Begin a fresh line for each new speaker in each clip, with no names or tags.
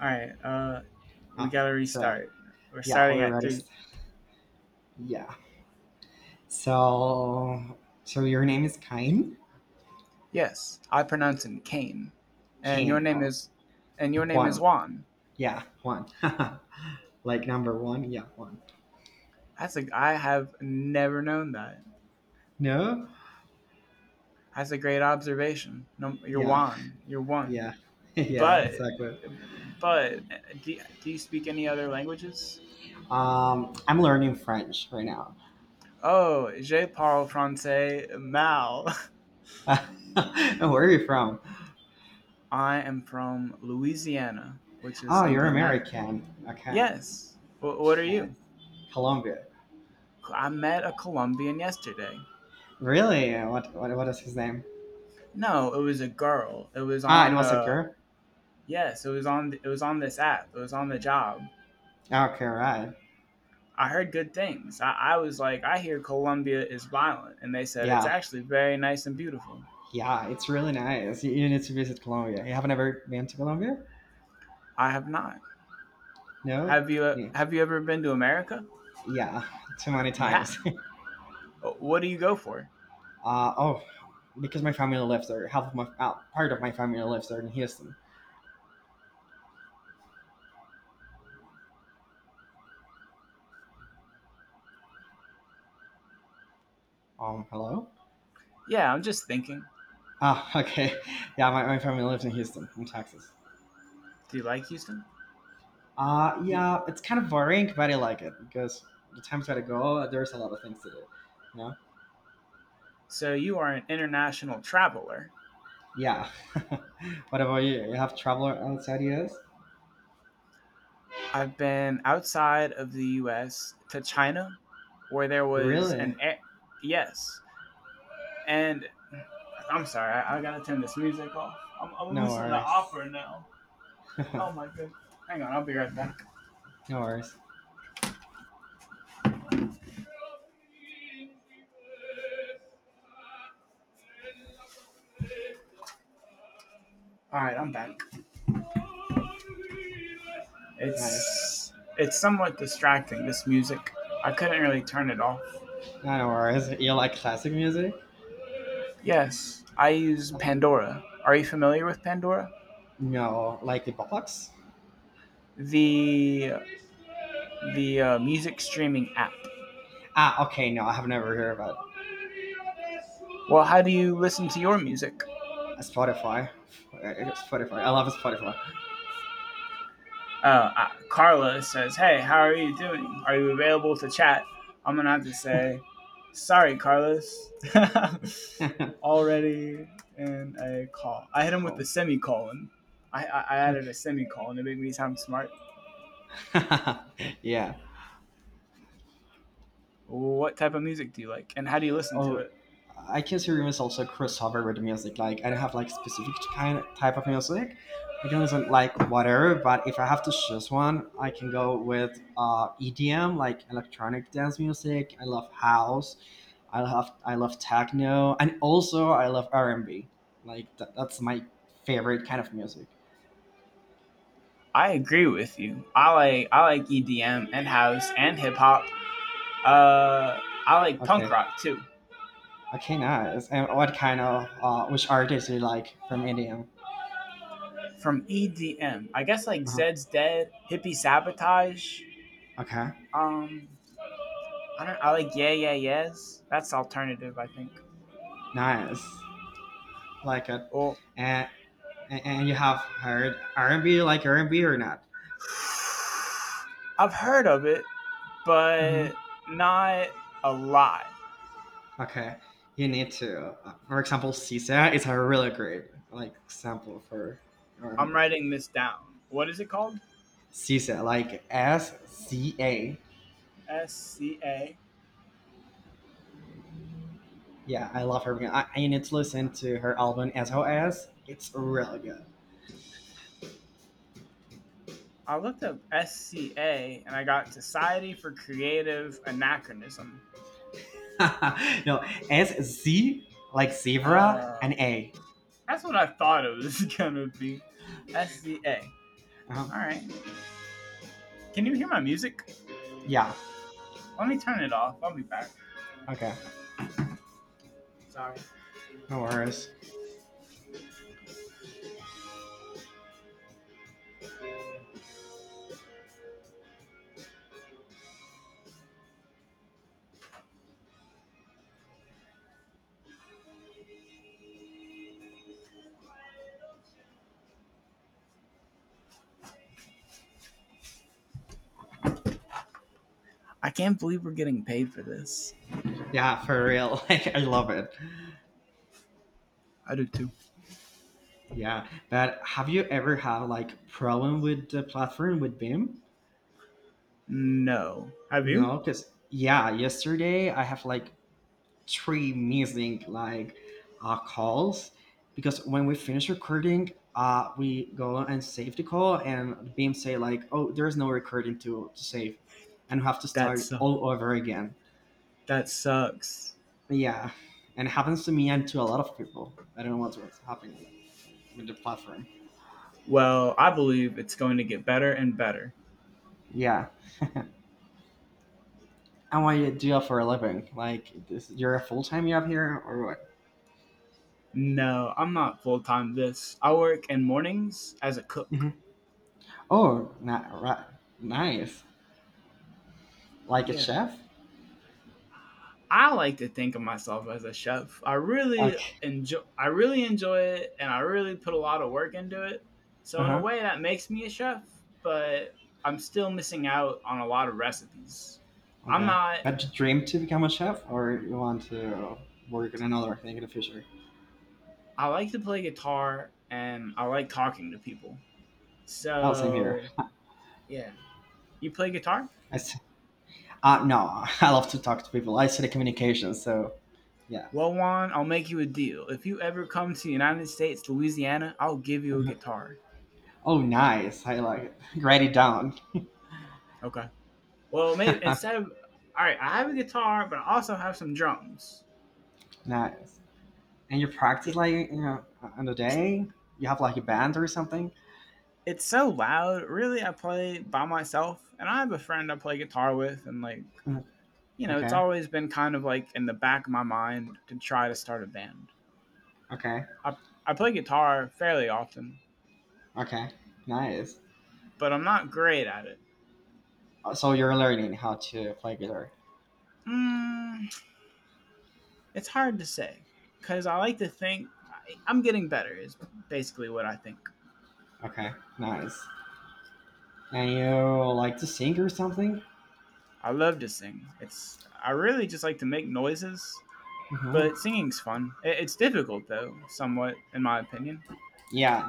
All right, we
Uh,
gotta
so
restart. We're
yeah,
starting
or
at three.
artist. Yeah. So so your name is Cain.
Yes, I pronounce him Kane, and your
Cain.
name
Oh,
is, and your name is
Juan.
Juan.
Yeah, Juan. Like number one. Yeah, Juan.
That's a I have never known that.
No.
That's a great observation. No, you're
Yeah.
Juan. You're one.
Yeah. Yeah.
But
Exactly.
but do you speak any other languages?
I'm learning French right now.
Oh, je parle français mal.
Where are you from?
I am from Louisiana, which is
Oh,
in
you're
the United.
American. Okay.
Yes. What are
Nice.
you?
Colombia.
I met a Colombian yesterday.
Really? What? What is his name?
No, it was a girl. It was
Ah, it
on
was a girl.
yes, it was on this app. It was on the job.
Okay, right.
I heard good things. I was like, I hear Colombia is violent, and they said it's
Yeah.
actually very nice and beautiful.
Yeah, it's really nice. You need to visit Colombia. You haven't ever been to Colombia?
I have not.
No? Yeah,
Have you ever been to America?
yeah, too many
You have.
times.
What do you go for?
uh, oh, because my family lives there. Half of my part of my family lives there in Houston. Hello.
Yeah, I'm just thinking.
Ah, okay. Yeah, my family lives in Houston, in Texas.
Do you like Houston? you-
Yeah, it's kind of boring, but I like it because the times that I go, there's a lot of things to do. You know?
so you are an international traveler?
Yeah. What about you? You have traveled outside US?
I've been outside of the U.S. to China, where there was an
Really?
yes, and I'm sorry, I gotta turn this music off. I'm
No
listening to
worries.
opera now. Oh my goodness! Hang on, I'll be right back.
No worries.
All right, I'm back.
Nice.
It's it's somewhat distracting, this music. I couldn't really turn it off.
No, no worries. You like classic music?
Yes, I use Pandora. Are you familiar with Pandora?
No, like the box?
The the music streaming app.
Ah, okay. No, I have never heard of it.
Well, how do you listen to your music?
Spotify. Spotify. I love Spotify.
Carla says, "Hey, how are you doing? Are you available to chat?" I'm gonna have to say, "Sorry, Carlos, already in a call." I hit him with the
Cool.
semicolon. I added a
Okay.
semicolon to make me sound smart.
Yeah.
What type of music do you like, and how do you listen to
Oh,
it?
I consider myself also crossover with music. Like I don't have like specific kind type of music. I can listen like whatever, but if I have to choose one, I can go with EDM, like electronic dance music. I love house. I love techno, and also I love R and B. Like that's my favorite kind of music.
I agree with you. I like EDM and house and hip hop. Uh, I like punk
Okay,
rock too.
okay, nice. And what kind of which artists you like from India?
From EDM, I guess like
uh
Zed's Dead, Hippie Sabotage,
Okay,
Um, I don't. I like yeah, yeah, yes. That's alternative, I think.
nice, like it.
Or
And and and you have heard R and B, like R and B or not?
I've heard of it, but
Hmm.
not a lot.
Okay, you need to. For example, Sisa is a really great like sample for R and
I'm
B.
writing this down. What is it called?
Sisa, like S C A.
S C A. I
Yeah, I love her. I need to listen to her album as well as it's really good.
looked up SCA and I got Society for Creative Anachronism.
No, S Z like zebra and
Um,
A.
that's what I thought it was gonna be. SCA.
Uh,
All right. Can you hear my music?
yeah.
Let me turn it off. I'll be back.
Okay.
Sorry.
No worries.
I can't believe we're getting paid for this.
Yeah, for real. Like I love it.
I do too.
Yeah. But have you ever had like problem with the platform with Beam?
No, have you?
No, because yeah, yesterday I have like three missing like calls because when we finish recording, we go and save the call, and Beam say like, "Oh, there's no recording to save," and we have to
That
start
sucks.
all over again.
That sucks.
Yeah, and it happens to me and to a lot of people. I don't know what's happening with the platform.
Well, I believe it's going to get better and better.
Yeah, and what you do for a living? Like, this, you're a full time job here or what?
No, I'm not full time this. I work in mornings as a cook.
Hmm. Oh, not, right, nice. Like a
Yeah.
chef?
I like to think of myself as a chef. I really
Okay.
enjoy I really enjoy it, and I really put a lot of work into it.
Uh
So in a
huh.
way that makes me a chef, but I'm still missing out on a lot of recipes. I'm
Okay.
not.
Had you dreamed to become a chef, or you want to work in another thing in the future?
I like to play guitar and I like talking to people.
Oh, same here.
So, yeah. You play guitar?
I s- no, I love to talk to people. I study communication, so yeah.
Well, Juan, I'll make you a deal. If you ever come to the United States, Louisiana, I'll give you a
Mhm.
guitar.
Oh, nice. I like it. Write it down.
Okay. Well, maybe instead of. Alright, I have a guitar, but I also have some drums.
Nice. And you
Yeah.
practice like you know on the day. You have like a band or something.
It's so loud. Really, I play by myself, and I have a friend I play guitar with, and like,
Mm.
you know, it's
Okay.
always been kind of like in the back of my mind to try to start a band.
Okay.
I, I play guitar fairly often,
Okay. Nice.
but I'm not great at it.
So you're learning how to play guitar.
Mm, it's hard to say because I like to think I'm getting better. Is basically what I think.
Okay. Nice. And you like to sing or something?
I love to sing. It's I really just like to make noises,
Hmm.
but singing's fun. It's difficult though, somewhat in my opinion.
Yeah.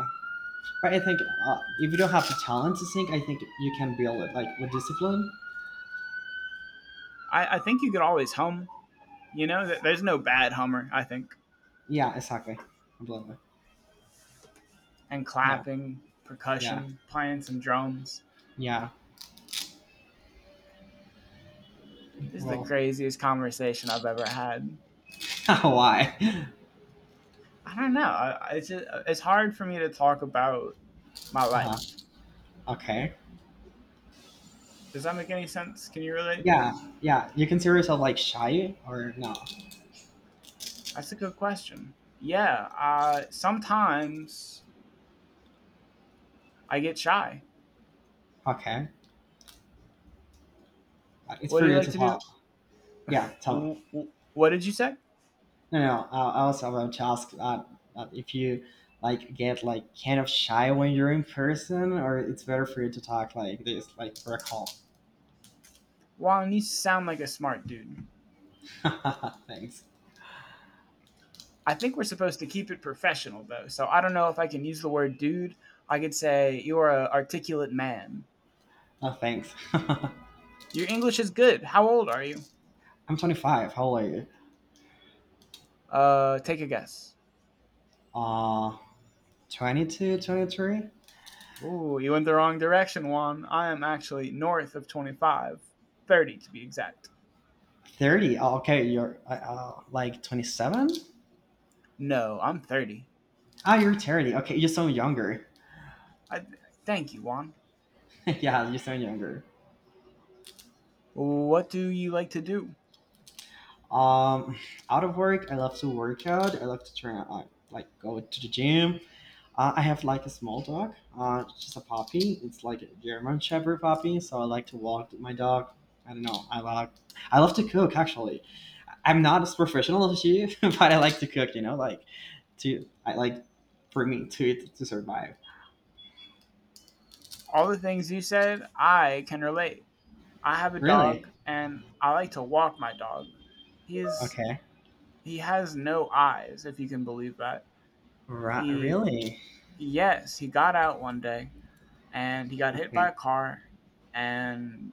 But I think if you don't have the talent to sing, I think you can build it like with discipline.
I think you could always hum. You know, there's no bad hummer. I think
Yeah, exactly. Completely.
and
Yeah,
clapping,
yeah,
percussion, playing some drums.
yeah.
This is the
Well,
craziest conversation I've ever had.
why?
I don't know. It's just, it's hard for me to talk about my
Uh-huh.
life.
Okay.
Does that make any sense? Can you relate?
Yeah, yeah. You consider yourself like shy or no?
That's a good question. Yeah, sometimes I get shy.
Okay. It's
What do
for
you
you
like
to
to
tell.
do?
Yeah, tell me.
What did you say?
No, no. I also want to ask if you like get like kind of shy when you're in person, or it's better for you to talk like this, like for a call.
Well, you sound like a smart dude.
Thanks.
I think we're supposed to keep it professional, though, so I don't know if I can use the word dude. I could say, you're an articulate man.
Oh, thanks.
Your English is good. How old are you?
I'm 25. How old are you?
Take a guess.
Uh, 22, 23,
Ooh, you went the wrong direction, Juan. I am actually north of 25. 30 to be exact.
30. Oh, okay, you're like 27.
No, I'm 30.
Ah, you're 30. Okay, you sound younger.
I thank you, Juan.
Yeah, you sound younger.
What do you like to do?
Um, Out of work, I love to work out. I love to train. I like go to the gym. I have like a small dog. It's just a puppy. It's like a German Shepherd puppy. So I like to walk my dog. I don't know. I like. I love to cook actually. I'm not as professional as you, but I like to cook. You know, like to I like for me to eat to survive.
All the things you said I can relate. I have a
Really?
dog, and I like to walk my dog. He's
Okay.
he has no eyes, if you can believe that.
Right.
He
Really?
Yes, he got out one day and he got hit by
Okay.
a car, and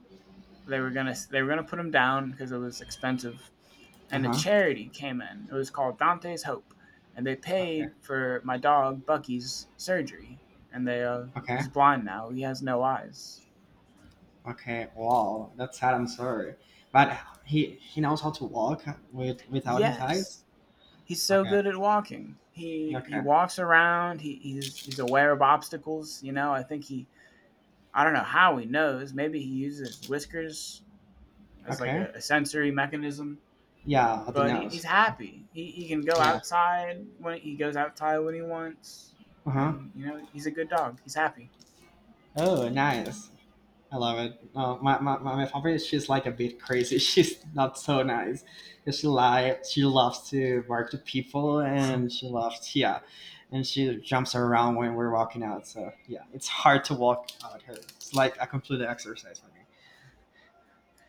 they were gonna put him down because it was expensive,
Uh
and a
huh.
charity came in. It was called Dante's Hope, and they
Okay.
paid for my dog Bucky's surgery. And they
Okay.
he's blind now. He has no eyes.
Okay. Wow. That's sad. I'm sorry, but he knows how to walk without his eyes.
Yes, he's so
Okay.
good at walking. He
Okay.
walks around. He's aware of obstacles. You know, I think he I don't know how he knows. Maybe he uses whiskers as like
Okay.
a sensory mechanism,
Yeah. The
but he's
nose. Oh,
happy. He can go
yeah.
outside when he goes outside when he wants,
Uh huh.
and you know he's a good dog. He's happy.
Oh, nice. I love it. My favorite is she's like a bit crazy. She's not so nice. 'Cause she like she loves to bark to people and she loves yeah, and she jumps around when we're walking out. So yeah, it's hard to walk out her. It's like a complete exercise for me.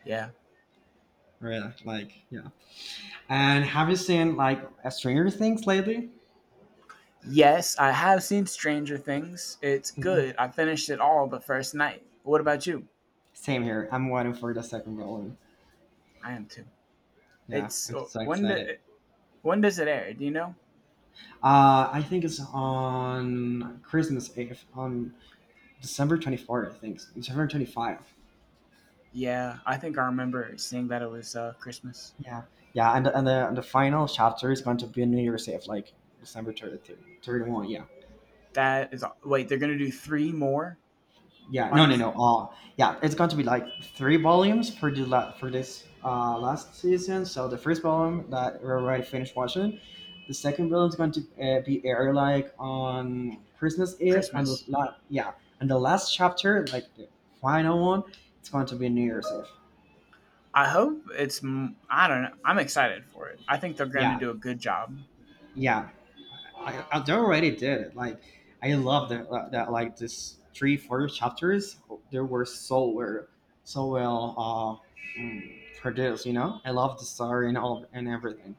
Yeah.
Really, like yeah. And have you seen like a Stranger Things lately?
Yes, I have seen Stranger Things. It's
No.
good. I finished it all the first night. What about you?
Same here. I'm waiting for the second volume.
I am too.
Yeah,
It's
I'm so excited.
when does it air? Do you know?
I think it's on Christmas Eve on December 24th, I think. December 25.
Yeah, I think I remember seeing that it was Christmas.
Yeah, yeah, and the final chapter is going to be New Year's Eve, like December 30, 31. Yeah,
That is wait, they're gonna do three more
yeah, no,
on
no, no. Yeah, it's going to be like three volumes for for this last season. So the first volume that we already finished watching, the second volume is going to be aired like on Christmas Eve, and
Christmas.
yeah, and the last chapter, like the final one, it's going to be New Year's Eve.
I hope it's. I don't know. I'm excited for it. I think they're going to
Yeah,
do a good job.
yeah, I they already did it. Like I love
Mhm.
that that like this three first chapters they were so well produced. You know, I love the story and all and everything.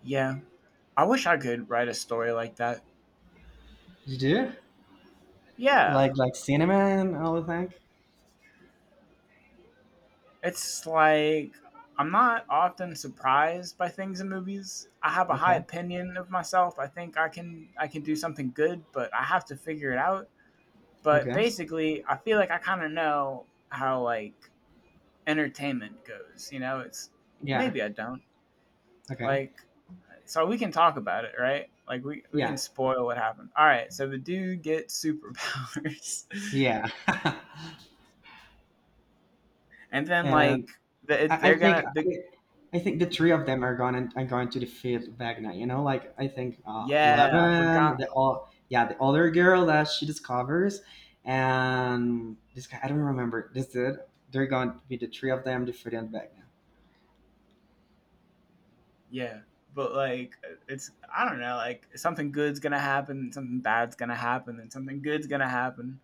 Yeah. I wish I could write a story like that.
You do
Yeah.
like cinema and all the thing.
It's like I'm not often surprised by things in movies. I have a high
Okay,
opinion of myself. I think I can do something good, but I have to figure it out. But
okay,
basically, I feel like I kind of know how like entertainment goes, you know? It's
yeah,
maybe I don't.
okay,
Like so we can talk about it, right? Like we
yeah,
can spoil what happened. All right, so the dude gets superpowers.
yeah.
And then like
And
the,
I, I
they're
think
gonna the
I, I think the three
mhm.
of them are going to defeat Vagna. You know, like I think
Yeah, I forgot.
Eleven, the all yeah, the other girl that she discovers, and this guy I don't remember this dude. They're going to be the three of them defeating Vagna.
Yeah, but like it's I don't know. Like something good's gonna happen, something bad's gonna happen, and something good's gonna happen.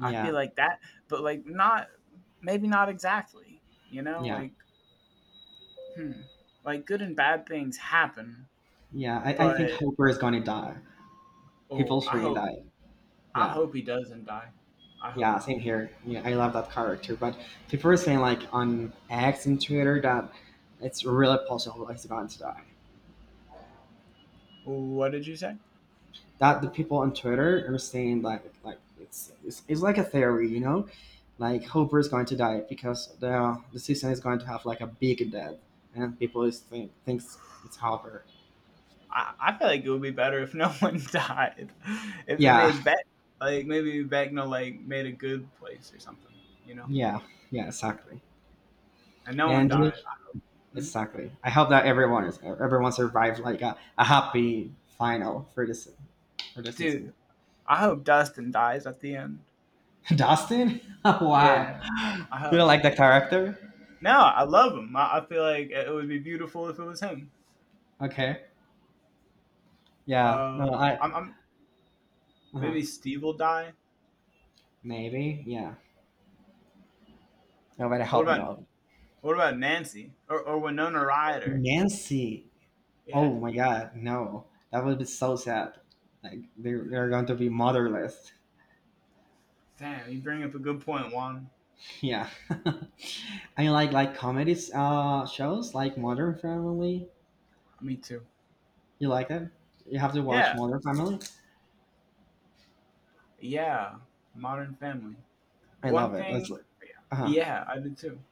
I feel like that, but like not maybe not exactly. You know,
yeah,
like hmm, like good and bad things happen,
yeah. I think
but
Hopper is going to die. People
oh,
going to die.
I
Yeah.
hope he doesn't die. I hope
Yeah,
not.
same here. Yeah, I love that character. But people are saying like on X and Twitter that it's really possible he's going to die.
What did you say?
That the people on Twitter are saying like it's like a theory, you know, like
Uh-huh.
Hooper is going to die because the season is going to have like a big death, and people is thinks it's Hooper.
I feel like it would be better if no one died. If they
Yeah,
made Beck, like maybe Beckno like made a good place or something, you know,
yeah, yeah, exactly.
and no one
And you—
died. Mhm.
exactly, I hope that everyone survived like a happy final for this for the season.
Dude, I hope Dustin dies at the end.
Dustin,
Yeah,
why?
I
You don't
hope.
like the character?
No, I love him. I feel like it would be beautiful if it was him.
Okay. Yeah.
Uh,
No, I.
I'm
uh
Maybe Steve will die.
Maybe. Yeah. No, but I
What
hope
about
not.
what about Nancy or Winona Ryder?
Nancy.
Yeah,
Oh my God, no. That would be so sad. Like they're going to be motherless.
damn, you bring up a good point, Juan.
Yeah. I like comedies shows like Modern Family.
Me too.
You like it? You have to
Yeah,
watch Modern Family.
yeah, Modern Family.
I
One
love it. It's
thing
like, uh
yeah, I do too.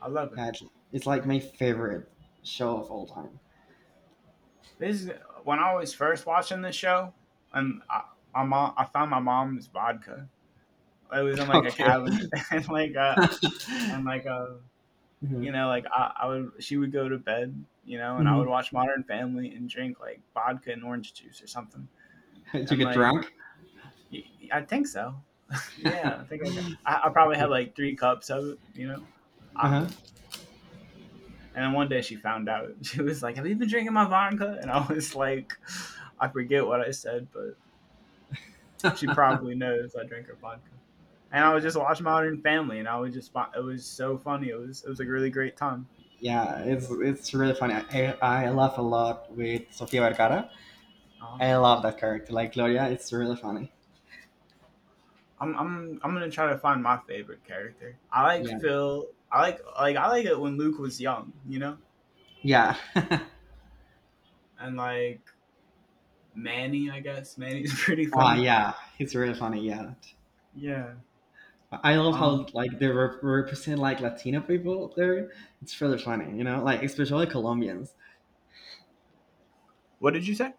I love it.
yeah, it's like my favorite show of all time.
This is when I was first watching this show, and my mom, I found my mom's vodka. It was in like a
Okay.
cabinet, and like
Hmm.
you know, like she would go to bed, you know, and I would
Hmm.
watch Modern Family and drink like vodka and orange juice or something,
You
and
get
like
drunk.
I think so. Yeah, I think I got. I probably had like three cups of it, you know. I,
Uh
And then one day she found out. She was like, "Have you been drinking my vodka?" And I was like, "I forget what I said, but she
huh.
probably knows I drink her vodka." And I was just watching Modern Family, and I was just it was so funny. It was a really great time.
Yeah, it's really funny. I laugh a lot with Sofia Vergara.
Uh,
I love that character. Like Gloria, it's really funny.
I'm gonna try to find my favorite character. I like
Yeah,
Phil. I like it when Luke was young, you know,
yeah,
and like Manny. I guess Manny's pretty
ah,
funny.
yeah. It's really funny. Yeah,
Yeah.
I love
Um.
how like they represent like Latino people there. It's really funny. You know, like especially Colombians.
What did you say?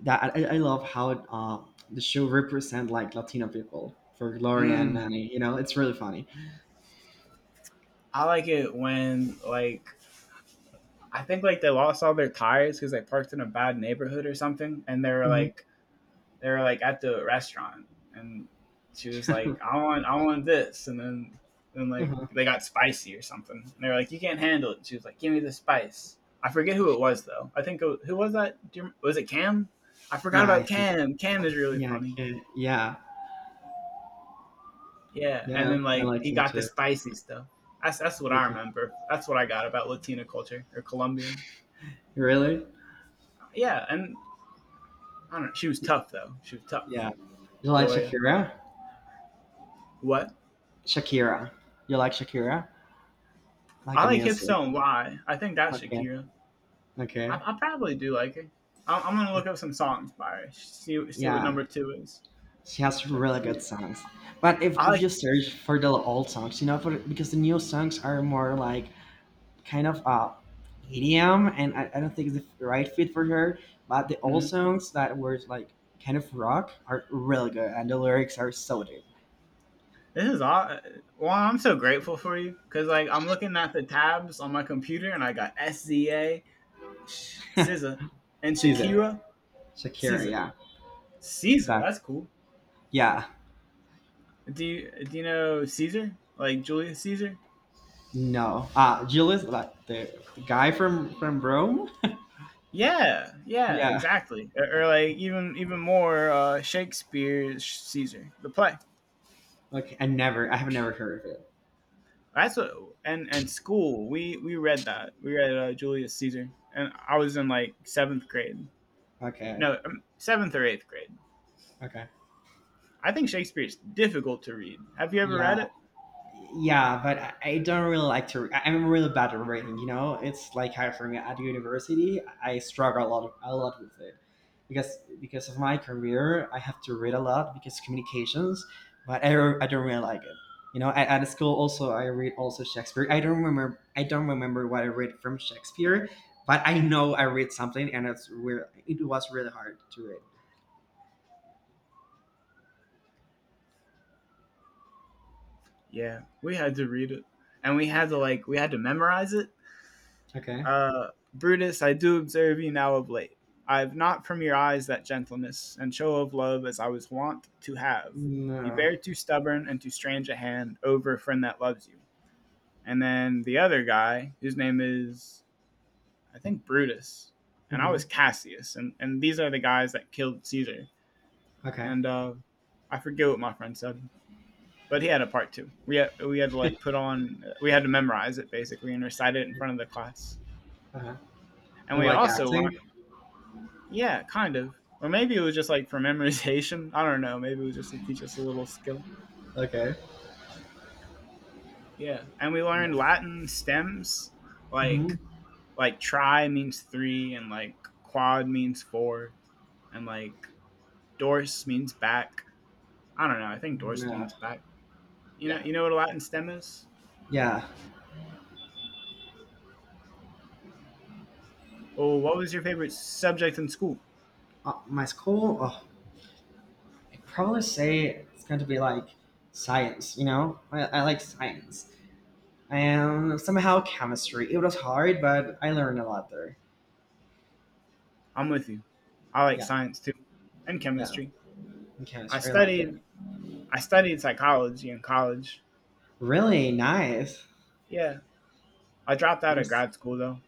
That I love how the show represent like Latino people for Gloria and
Mm,
Manny. You know, it's really funny.
I like it when like I think like they lost all their tires because they parked in a bad neighborhood or something, and they were
Hmm.
like at the restaurant, and she was like, "I want this," and then like
Uh-huh.
they got spicy or something, and they were like, "You can't handle it," and she was like, "Give me the spice." I forget who it was though. I think it was, who was that? Do you, was it Cam? I forgot
Yeah, I
about
think.
Cam. Cam is really
Yeah, I
funny.
can. Yeah,
Yeah, and
yeah,
then
I
like
like
he
him
got the
too.
spicy stuff. That's what I
Like
remember. That's what I got about Latina culture or Colombian.
really?
Yeah, and I don't know. She was tough though. She was tough.
Yeah. You like
Gloria.
Shakira?
What?
Shakira. You like Shakira? Like
I
the
like
music.
Hipstone and Why? I think that's
Okay.
Shakira. I,
Okay.
I probably do like her. I'm gonna look up some songs by her. See what
Yeah.
number two is.
She has really good
Shakira.
songs. But
I
if
like.
you search for the old songs, you know, for because the new songs are more like kind of EDM and I don't think it's the right fit for her. But the old
Mhm.
songs that were like kind of rock are really good and the lyrics are so deep.
This is all. Well, I'm so grateful for you because like I'm looking at the tabs on my computer and I got SZA, Sh- and
Caesar.
Shakira.
Shakira,
Caesar.
yeah.
Caesar.
So
That's cool.
yeah.
Do you know Caesar? Like Julius Caesar?
No. Julius, like the guy from Rome?
Yeah, yeah,
Yeah.
exactly. Or like even more Shakespeare's Caesar, the play.
Okay. I have never heard of it.
That's what and school. We read that. We read Julius Caesar, and I was in like seventh grade.
Okay.
No, seventh or eighth grade.
Okay.
I think Shakespeare's difficult to read. Have you ever
Yeah.
read it?
Yeah, but I don't really like to. I'm really bad at reading. You know, it's like how for me at university, I struggle a lot with it, because of my career, I have to read a lot because communications. But I don't really like it. You know, at school also I read also Shakespeare. I don't remember. I don't remember what I read from Shakespeare, but I know I read something, and it's weird. It was really hard to read.
Yeah, we had to read it, and we had to like we had to memorize it.
Okay.
Brutus, I do observe you now of late. I have not from your eyes that gentleness and show of love as I was wont to have. You
No.
bear too stubborn and too strange a hand over a friend that loves you. And then the other guy, whose name is, I think, Brutus, and I
Hmm.
was Cassius, and these are the guys that killed Caesar.
Okay.
And I forget what my friend said, but he had a part two. We had to like put on, we had to memorize it basically and recite it in front of the class.
Uh-huh.
And
Do you
we
like
also learned
acting?
Yeah, kind of. Or maybe it was just like for memorization. I don't know. Maybe it was just to teach us a little skill.
Okay.
Yeah. And we learned
Nice.
Latin stems, like
Mhm.
like tri means three and like quad means four and like dors means back. I don't know. I think dors
No.
means back. You know
Yeah.
you know what a Latin stem is?
Yeah.
Oh, what was your favorite subject in school?
My school, oh, I'd probably say it's going to be like science, you know? I like science. And somehow chemistry. It was hard, but I learned a lot there.
I'm with you. I like
Yeah.
science too. And
Yeah.
chemistry.
And
I
chemistry. I like it.
studied I studied psychology in college.
Really nice.
Yeah. I dropped out
You're
of
s-
grad school though.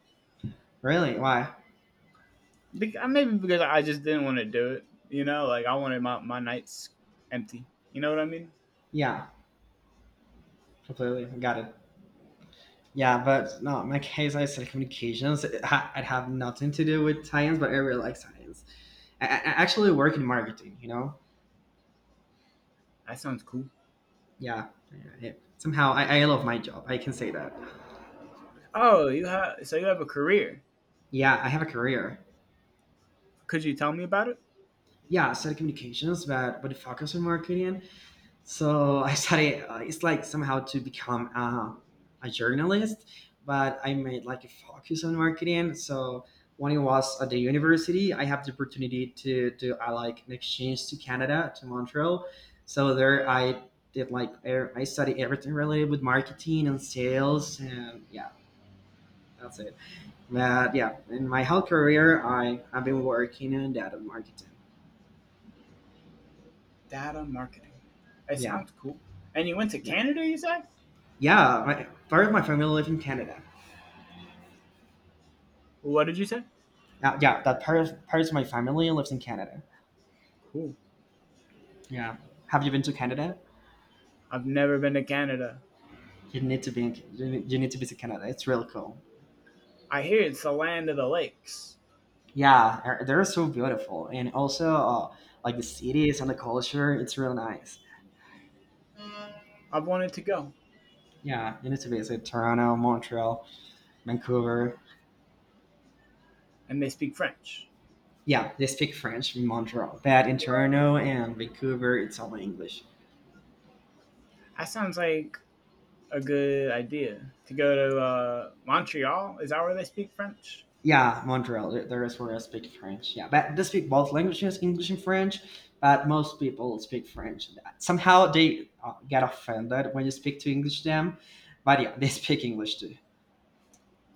Really? Why?
Maybe because I just didn't want to do it. You know, like I wanted my nights empty. You know what I mean?
Yeah. Completely. Got it. Yeah, but no, in my case, I said communications. It have nothing to do with science, but I really like science. I actually work in marketing, you know?
That sounds cool.
Yeah. Yeah, yeah. Somehow I love my job. I can say that.
Oh, you have you have a career.
Yeah, I have a career.
Could you tell me about it?
Yeah, I studied communications, but focus on marketing. So I study. It's like somehow to become a journalist, but I made like a focus on marketing. So when I was at the university, I have the opportunity to do I like an exchange to Canada to Montreal. So there I did like I study everything related with marketing and sales, and yeah, that's it. But yeah, in my whole career, I have been working in data marketing.
Data marketing. It
Yeah,
sounds cool. And you went to
yeah,
Canada, you said?
yeah. Part of my family lives in Canada.
What did you say?
Yeah, yeah. That part of my family lives in Canada.
Cool.
Yeah. Have you been to Canada?
I've never been to Canada.
You need to be. You need to visit Canada. It's really cool.
I hear it's the land of the lakes.
Yeah, they're so beautiful, and also like the cities and the culture. It's real nice.
I've wanted to go,
Yeah, you need to visit Toronto, Montreal, Vancouver.
and they speak French.
Yeah, they speak French in Montreal, but in Toronto and Vancouver, it's all English.
That sounds like a good idea to go to Montreal. Is that where they speak French?
Yeah, Montreal. There is where I speak French. Yeah, but they speak both languages, English and French. But most people speak French. Somehow they get offended when you speak to English to them. But yeah, they speak English too.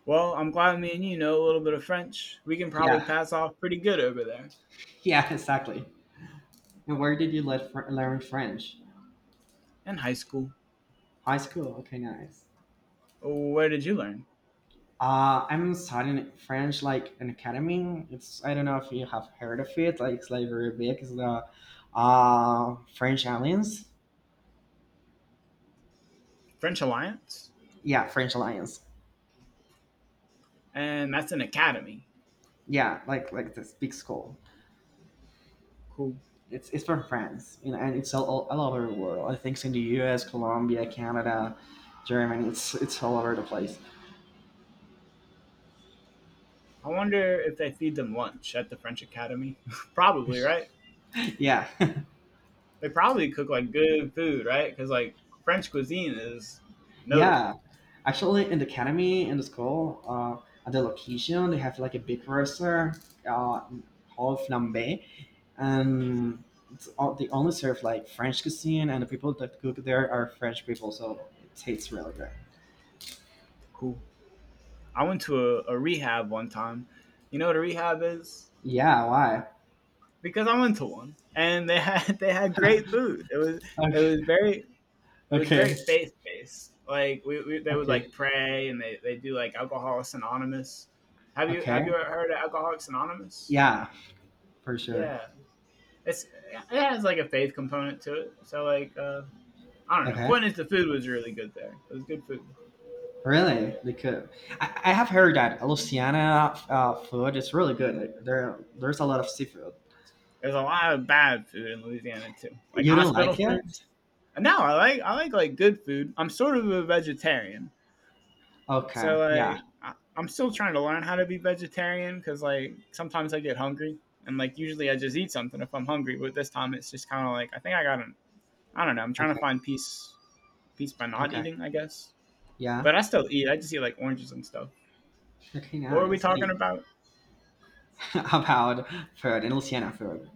Well, I'm glad me and you know a little bit of French. We can probably
Yeah,
pass off pretty good over there.
yeah, exactly. And where did you learn French?
In high school.
High school. Okay, nice.
Where did you learn?
I'm studying French like an academy. It's I don't know if you have heard of it. Like it's like very big. It's the French Alliance.
French Alliance?
Yeah, French Alliance.
And that's an academy.
Yeah, like this big school.
Cool.
It's from France, you know, and it's all over the world. I think it's in the U.S., Colombia, Canada, Germany. It's all over the place.
I wonder if they feed them lunch at the French Academy. Probably, right?
Yeah,
They probably cook like good food, right? Because like French cuisine is
yeah.
notable.
Actually, in the academy, in the school, at the location, they have like a big roster, uh, whole flambe, and it's all, they only serve like French cuisine, and the people that cook there are French people, so it tastes really good.
Cool. I went to a rehab one time. You know what a rehab is?
Yeah, why?
Because I went to one, and they had they had great food. It was it was very it was very
Okay,
faith based. Like they would
okay,
like pray and they do like Alcoholics Anonymous.
okay,
Have you ever
okay.
heard of Alcoholics Anonymous?
Yeah, for sure.
Yeah, it has like a faith component to it. So like I don't know.
Okay,
Point is, the food was really good there. It was good food.
really? They could. I have heard that Louisiana food is really good. Like, there's a lot of seafood.
There's a lot of bad food in Louisiana too, like
You don't
hospital
like it?
food. No, I like good food. I'm sort of a vegetarian.
Okay.
So
Yeah.
like I'm still trying to learn how to be vegetarian because like sometimes I get hungry and like usually I just eat something if I'm hungry. But this time it's just kind of like I think I got an I don't know. I'm trying to
Okay.
find peace peace by not
Okay.
eating, I guess.
Yeah.
But I still eat. I just eat like oranges and stuff.
Okay.
What were we
Nice.
talking
Hey,
about?
about food and Louisiana food.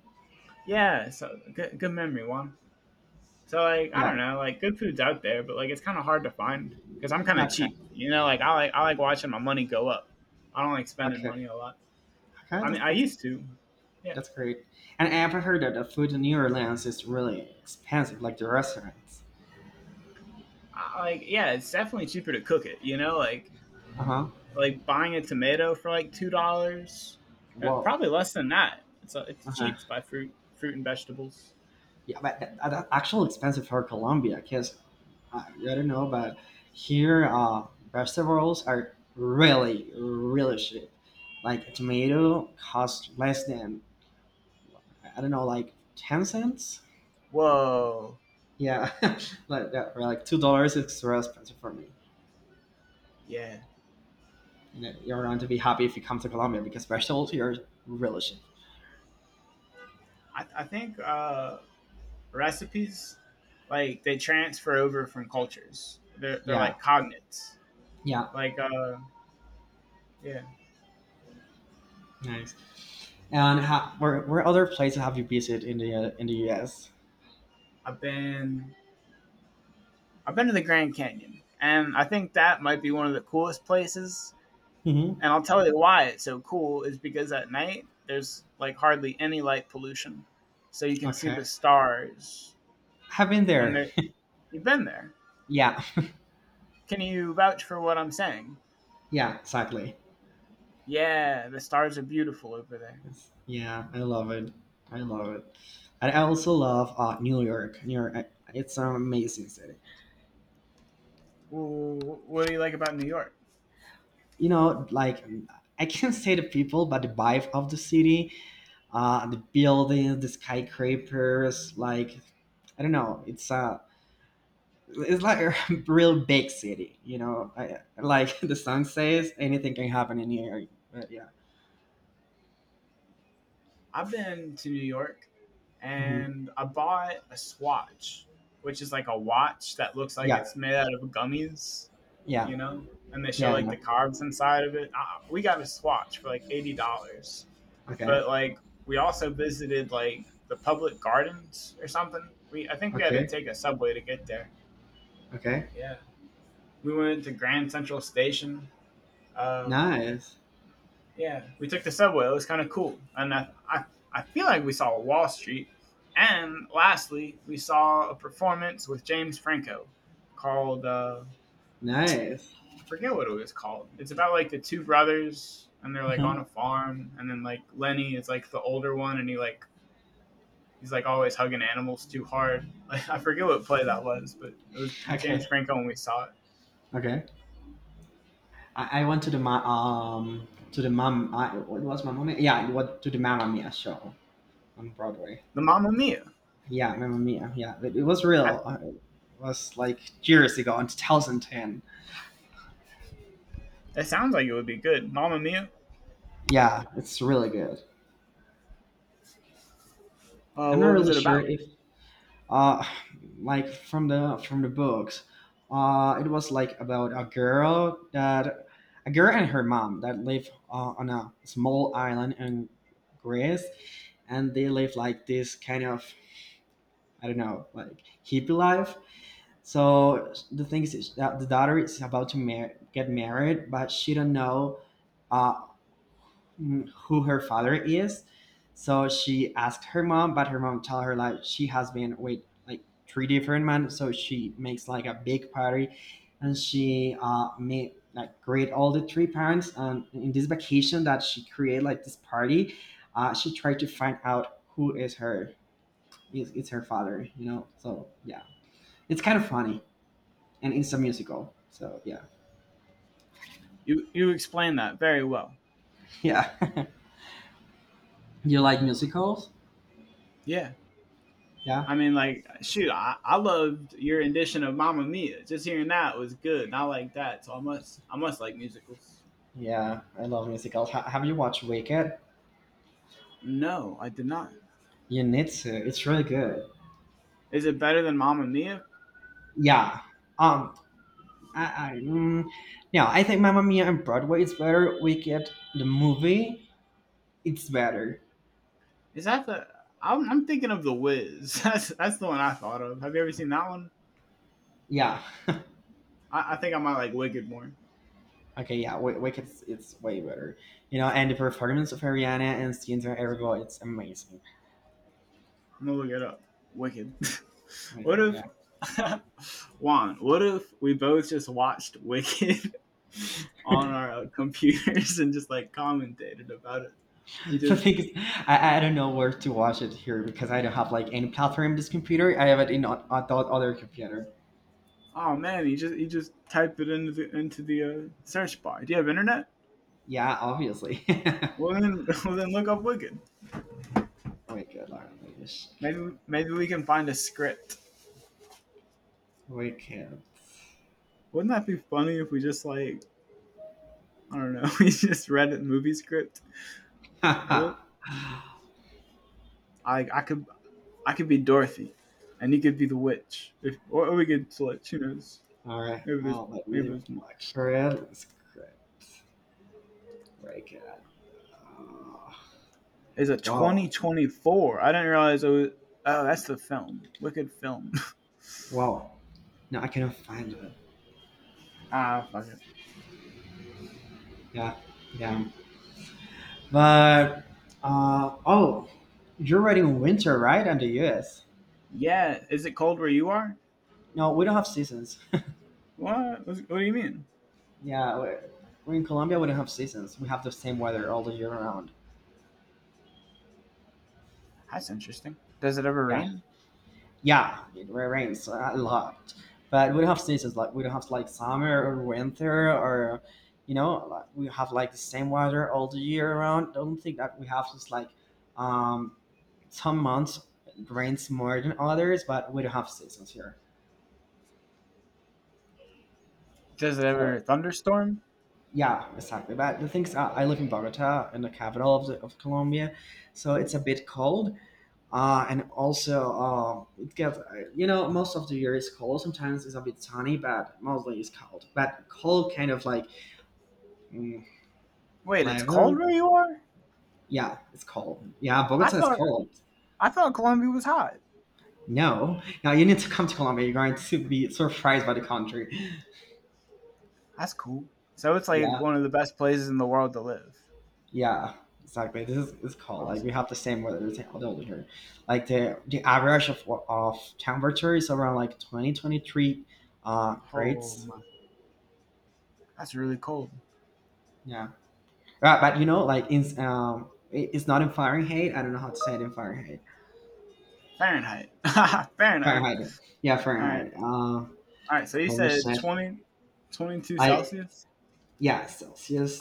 Yeah. So good memory, Juan. So like I
Yeah.
don't know. Like good food's out there, but like it's kind of hard to find because I'm kind of
Okay.
cheap. You know, like I like I like watching my money go up. I don't like spending
Okay.
money a lot.
Okay.
I
That's
mean, I
that's,
used to. Yeah.
that's great. And I've heard that the food in New Orleans is really expensive, like the restaurants.
Like yeah, it's definitely cheaper to cook it. You know, like
Uh huh.
buying a tomato for like $2,
Whoa.
probably less than that. It's
Uh huh.
cheap to buy fruit and vegetables.
Yeah, but the actual expensive for Colombia, because I don't know, but here vegetables are really, really cheap. Like a tomato costs less than I don't know, like 10 cents.
Whoa,
Yeah, like yeah, or like $2 is real expensive for me.
yeah.
You know, you're going to be happy if you come to Colombia because vegetables here are really cheap.
I think recipes like they transfer over from cultures. They're
Yeah,
like cognates.
yeah,
Like yeah,
nice. And where other places have you visited in the US?
I've been I've been to the Grand Canyon, and I think that might be one of the coolest places.
Hmm.
And I'll tell you why it's so cool is because at night there's like hardly any light pollution. So you can see
Okay,
the stars.
have been there.
And you've been there.
Yeah,
Can you vouch for what I'm saying?
yeah, exactly.
Yeah, the stars are beautiful over there.
Yeah, I love it. I love it. And I also love New York. New York, it's an amazing city.
Wh- What do you like about New York?
You know, like I can't say the people, but the vibe of the city, the buildings, the skyscrapers, like I don't know, it's a it's like a real big city. You know, I, like the song says, anything can happen in New York. But yeah,
I've been to New York
hmm,
and I bought a swatch, which is like a watch that looks like
yeah,
it's made out of gummies,
yeah,
you know, and they show
yeah,
like
yeah.
the carbs inside of it. We got a swatch for like $80.
Okay,
But like we also visited like the public gardens or something. We I think we had to
okay,
take a subway to get there.
okay.
Yeah. We went to Grand Central Station. Uh,
Nice.
Yeah. We took the subway. It was kind of cool, and I I feel like we saw Wall Street. And lastly, we saw a performance with James Franco called
Nice.
I forget what it was called. It's about like the two brothers and they're like on
Mhm.
a farm, and then like Lenny is like the older one, and he like he's like always hugging animals too hard. Like I forget what play that was, but it was James
Okay.
Franco when we saw it.
Okay. I went to the to the mom. What was Mamma Mia? Yeah, it was to the Mamma Mia show on Broadway.
The Mamma Mia.
Yeah, Mamma Mia. Yeah, it was
I,
real. It was like years ago in 2010.
that sounds like it would be good. Mamma Mia.
Yeah, it's really good. I'm not
What was
really
it
sure
about?
if uh like from the books. It was like about a girl and her mom that live on a small island in Greece and they live like this kind of I don't know like hippie life. So the thing is that the daughter is about to get married, but she don't know uh, who her father is. So she asked her mom, but her mom tell her like she has been with like three different men. So she makes like a big party, and she made like greet all the three parents. And in this vacation that she create like this party, she tried to find out who is her it's her father, you know. So yeah, it's kind of funny, and it's a musical. So yeah,
You explained that very well.
yeah. You like musicals?
Yeah.
Yeah,
I mean, like, shoot, I loved your rendition of Mamma Mia. Just hearing that was good. And I like that. So I must like musicals.
yeah. I love musicals. Have you watched Wicked?
No, I did not.
You need to. It's really good.
Is it better than Mamma Mia?
Yeah. Um. I, I mm, no. I think Mamma Mia and Broadway is better. Wicked, the movie, it's better.
Is that the, I'm thinking of The Wiz. That's the one I thought of. Have you ever seen that one?
Yeah.
I think I might like Wicked more. I'm
Okay. Yeah. Wicked, it's way better. You know, and the performance of Ariana and Cynthia Erivo, it's amazing.
going to look it up. Wicked.
Oh.
What if,
Yeah.
Juan, what if we both just watched Wicked on our computers and just like commentated about it? We
The
just
thing is, I don't know where to watch it here because I don't have like any platform in this computer. I have it in the other computer.
Oh man, he just typed it into the search bar. Do you have internet?
Yeah, obviously. Oh
Well then, well then look up Wicked.
my god, Lauren, I wish
Maybe
crap.
Maybe we can find a script.
We can't.
Wouldn't that be funny if we just like I don't know, we just read a movie script? Or we,
All
I I could I could be Dorothy, and he could be the witch. If or we could switch. Who knows?
right,
Maybe there's
I'll let me
Maybe
look
there's more.
for it. Script. Break it. Uh,
Is a
wow,
2024? I didn't realize it was. Oh, that's the film. Wicked film.
wow. No, I cannot find it.
Ah, fuck it.
Yeah, yeah. But oh, you're writing winter, right? On the US.
Yeah. Is it cold where you are?
No, we don't have seasons.
What? What do you mean?
Yeah, we're in Colombia. We don't have seasons. We have the same weather all the year round.
That's interesting. Does it ever
Yeah,
rain?
yeah, it rains a lot, but we don't have seasons. Like we don't have like summer or winter or, you know, like, we have like the same weather all the year around. Don't think that we have just like, um, some months it rains more than others, but we don't have seasons here.
Does it ever
So
thunderstorm?
yeah, exactly. But the things I live in Bogota, in the capital of Colombia, so it's
Ooh.
a bit cold. And also, it gets, you know, most of the year is cold. Sometimes it's a bit sunny, but mostly it's cold. But cold kind of like mm,
Wait, it's cold
11.
where you are?
Yeah, it's cold. Yeah,
I
Bogota is
thought
cold.
I thought Colombia was hot.
No. Now you need to come to Colombia. You're going to be surprised by the country.
That's cool. So it's like
Yeah,
one of the best places in the world to live.
yeah, exactly. This is it's cold. Like we
Awesome.
have the same weather as all the other here. Like the average of temperature is around like twenty twenty three, 23
Oh
grades.
my, that's really cold.
Yeah. But you know, like in it's not in Fahrenheit. I don't know how to say it in Fahrenheit.
Fahrenheit. Fahrenheit.
Fahrenheit. Yeah,
All right.
Fahrenheit.
All right. So you
Let me
said
check.
20, 22
Like
Celsius.
yeah,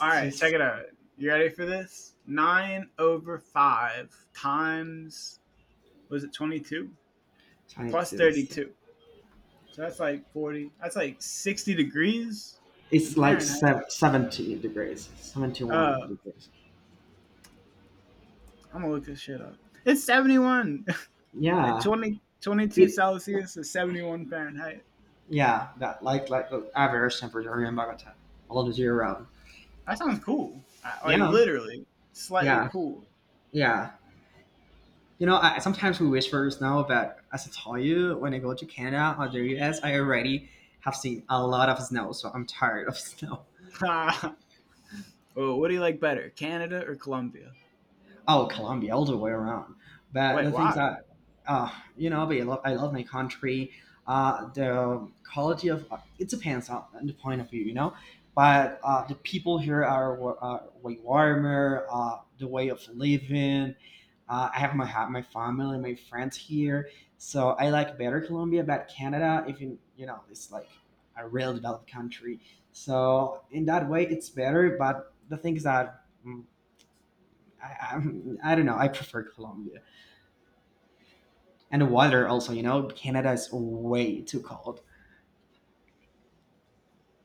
All right. Check
just
it out. You ready for this? Nine over five times was it 22 plus
22.
thirty
So
two So that's like 40. That's like 60 degrees
it's
in
like
Fahrenheit.
70 degrees,
Uh,
71 degrees.
I'm gonna look this shit up. It's 71.
Yeah,
20 twenty-two
it.
Celsius is 71 Fahrenheit.
Yeah, that like the average temperature in Bogota, all the year round.
That sounds cool. Like
Yeah,
literally, slightly
yeah,
cool.
yeah. You know, sometimes we wish whispers now, but as I told you, when I go to Canada or the US, I already have seen a lot of snow, so I'm tired of snow.
Oh, what do you like better, Canada or Colombia?
Oh, Colombia, all the way around. But
Wait,
the things
why?
that, uh, you know, but I love my country. The quality of it depends on the point of view, you know. But the people here are way warmer. The way of living. I have my family, my friends here, so I like better Colombia. But Canada, even you know, it's like a real developed country. So in that way, it's better. But the things that I, I don't know. I prefer Colombia and the water also. You know, Canada is way too cold.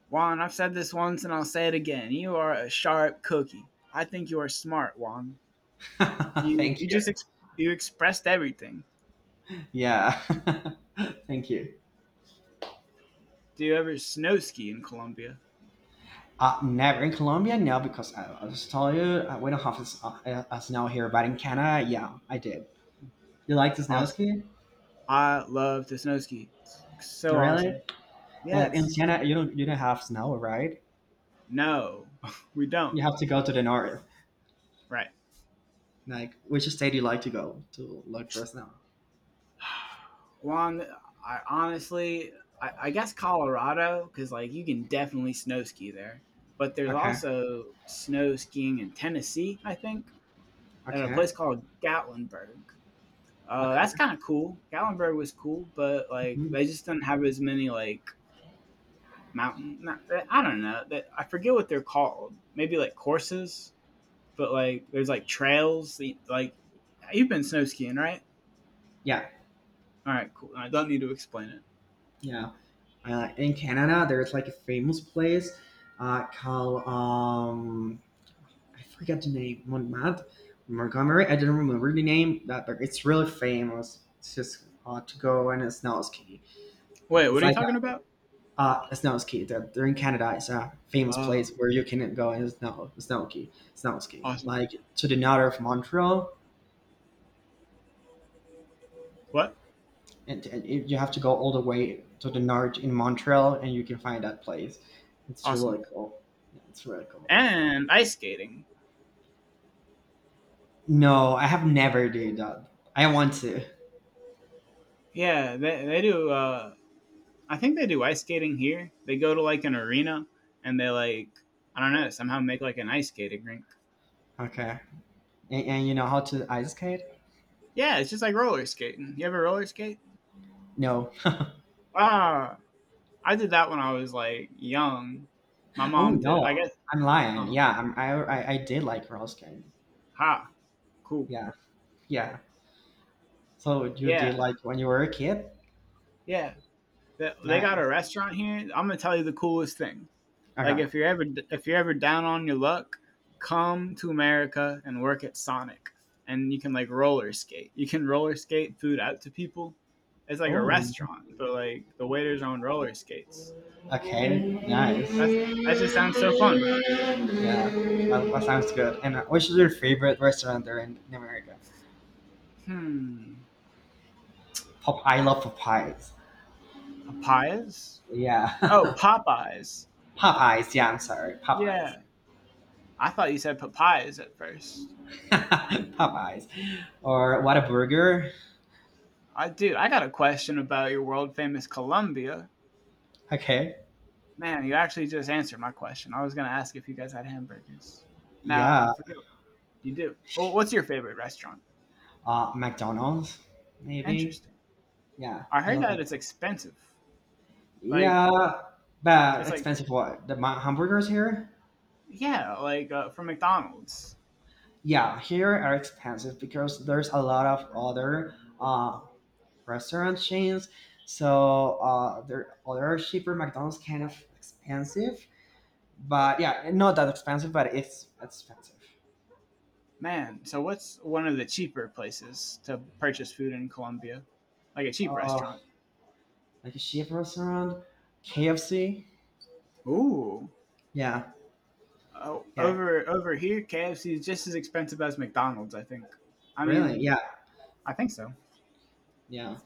Juan, I've said this once and I'll say it again. You are a sharp cookie. I think you are smart, Juan. You
Thank you.
just you expressed everything.
Yeah. Thank you.
Do you ever snow ski in Colombia?
Never in Colombia, no, because I just told you we don't have a snow here. But in Canada, yeah, I did. You like the snow
Awesome.
ski?
I love to snow ski. It's so
Really?
awesome.
But in
Yes.
Canada, you don't have snow, right?
No, we
You
don't.
have to go to the north.
Right.
Like, which state do you like to go to look for snow?
Long. I honestly, I guess Colorado, because like you can definitely snow ski there. But there's
Okay.
also snow skiing in Tennessee, I think, at a
Okay.
place called Gatlinburg.
Okay.
That's kind of cool. Gatlinburg was cool, but like
Mhm.
they just didn't have as many like mountain. Not, I don't know. I forget what they're called. Maybe like courses but like there's like trails. Like you've been snow skiing, right?
Yeah.
All right, cool. I don't need to explain it.
Yeah. In Canada, there's like a famous place called I forget the name Montmartre, Montgomery. I don't remember the name, that but it's really famous. It's just to go and snow ski.
Wait,
It's
what are you
like
talking about?
a snow ski. That they're in Canada. It's a famous
Oh,
place where you can go and snow ski.
awesome.
Like to the north of Montreal,
What?
and you have to go all the way to the north in Montreal, and you can find that place. It's
Awesome.
really cool. Yeah, it's really cool.
And ice skating.
No, I have never did that. I want to.
Yeah, they do. I think they do ice skating here. They go to like an arena and they like I don't know somehow make like an ice skating rink.
Okay. And you know how to ice skate?
Yeah, it's just like roller skating. You ever roller skate?
No.
Ah, I did that when I was like young. My
Oh
mom did. It.
no,
I guess.
I'm lying.
Uh,
Yeah, I'm, I did like roller skating.
ha. Cool.
Yeah, yeah. So you did
Yeah.
like when you were a kid?
Yeah. That they got a
Nice.
restaurant here. I'm gonna tell you the coolest thing. Like
Okay.
if you're ever down on your luck, come to America and work at Sonic, and you can like roller skate. You can roller skate food out to people. It's like a
Oh,
restaurant, but like the waiters are on roller skates.
okay. Nice.
That's
Yeah,
that just sounds so fun.
that sounds good. And which is your favorite restaurant there in America?
Hmm,
I love Popeyes.
papayas.
Yeah,
Oh, Popeyes.
Popeyes. Yeah, I'm sorry, Popeyes.
Yeah, I thought you said papayas at first.
Popeyes, or what a burger.
I dude, I got a question about your world famous Columbia.
Okay.
Man, you actually just answered my question. I was going to ask if you guys had hamburgers. Now,
Yeah,
I forget. You do. Well, what's your favorite restaurant?
McDonald's maybe.
Interesting.
Yeah,
I
I
heard
love
that it's
McDonald's.
expensive. Like,
Yeah, but
it's like,
expensive. What the hamburgers here?
yeah, like from McDonald's.
Yeah, here are expensive because there's a lot of other uh, restaurant chains. So there other cheaper McDonald's kind of expensive. But yeah, not that expensive, but it's expensive.
Man, so what's one of the cheaper places to purchase food in Colombia? Like a cheap restaurant.
Oh, like a cheap restaurant, KFC.
Ooh.
Yeah,
Oh,
yeah,
over here, KFC is just as expensive as McDonald's, I think. I
really,
mean,
yeah,
I think so.
yeah.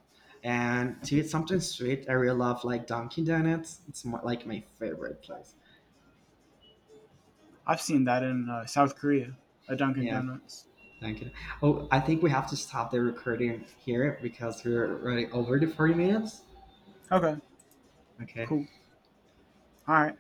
And to eat something sweet, I really love like Dunkin' Donuts. It's more, like my favorite place.
I've seen that in South Korea, a Dunkin'
Yeah,
Donuts.
Dunkin'. Oh, I think we have to stop the recording here because we're already over the 40 minutes.
Okay.
Okay.
Cool. All right.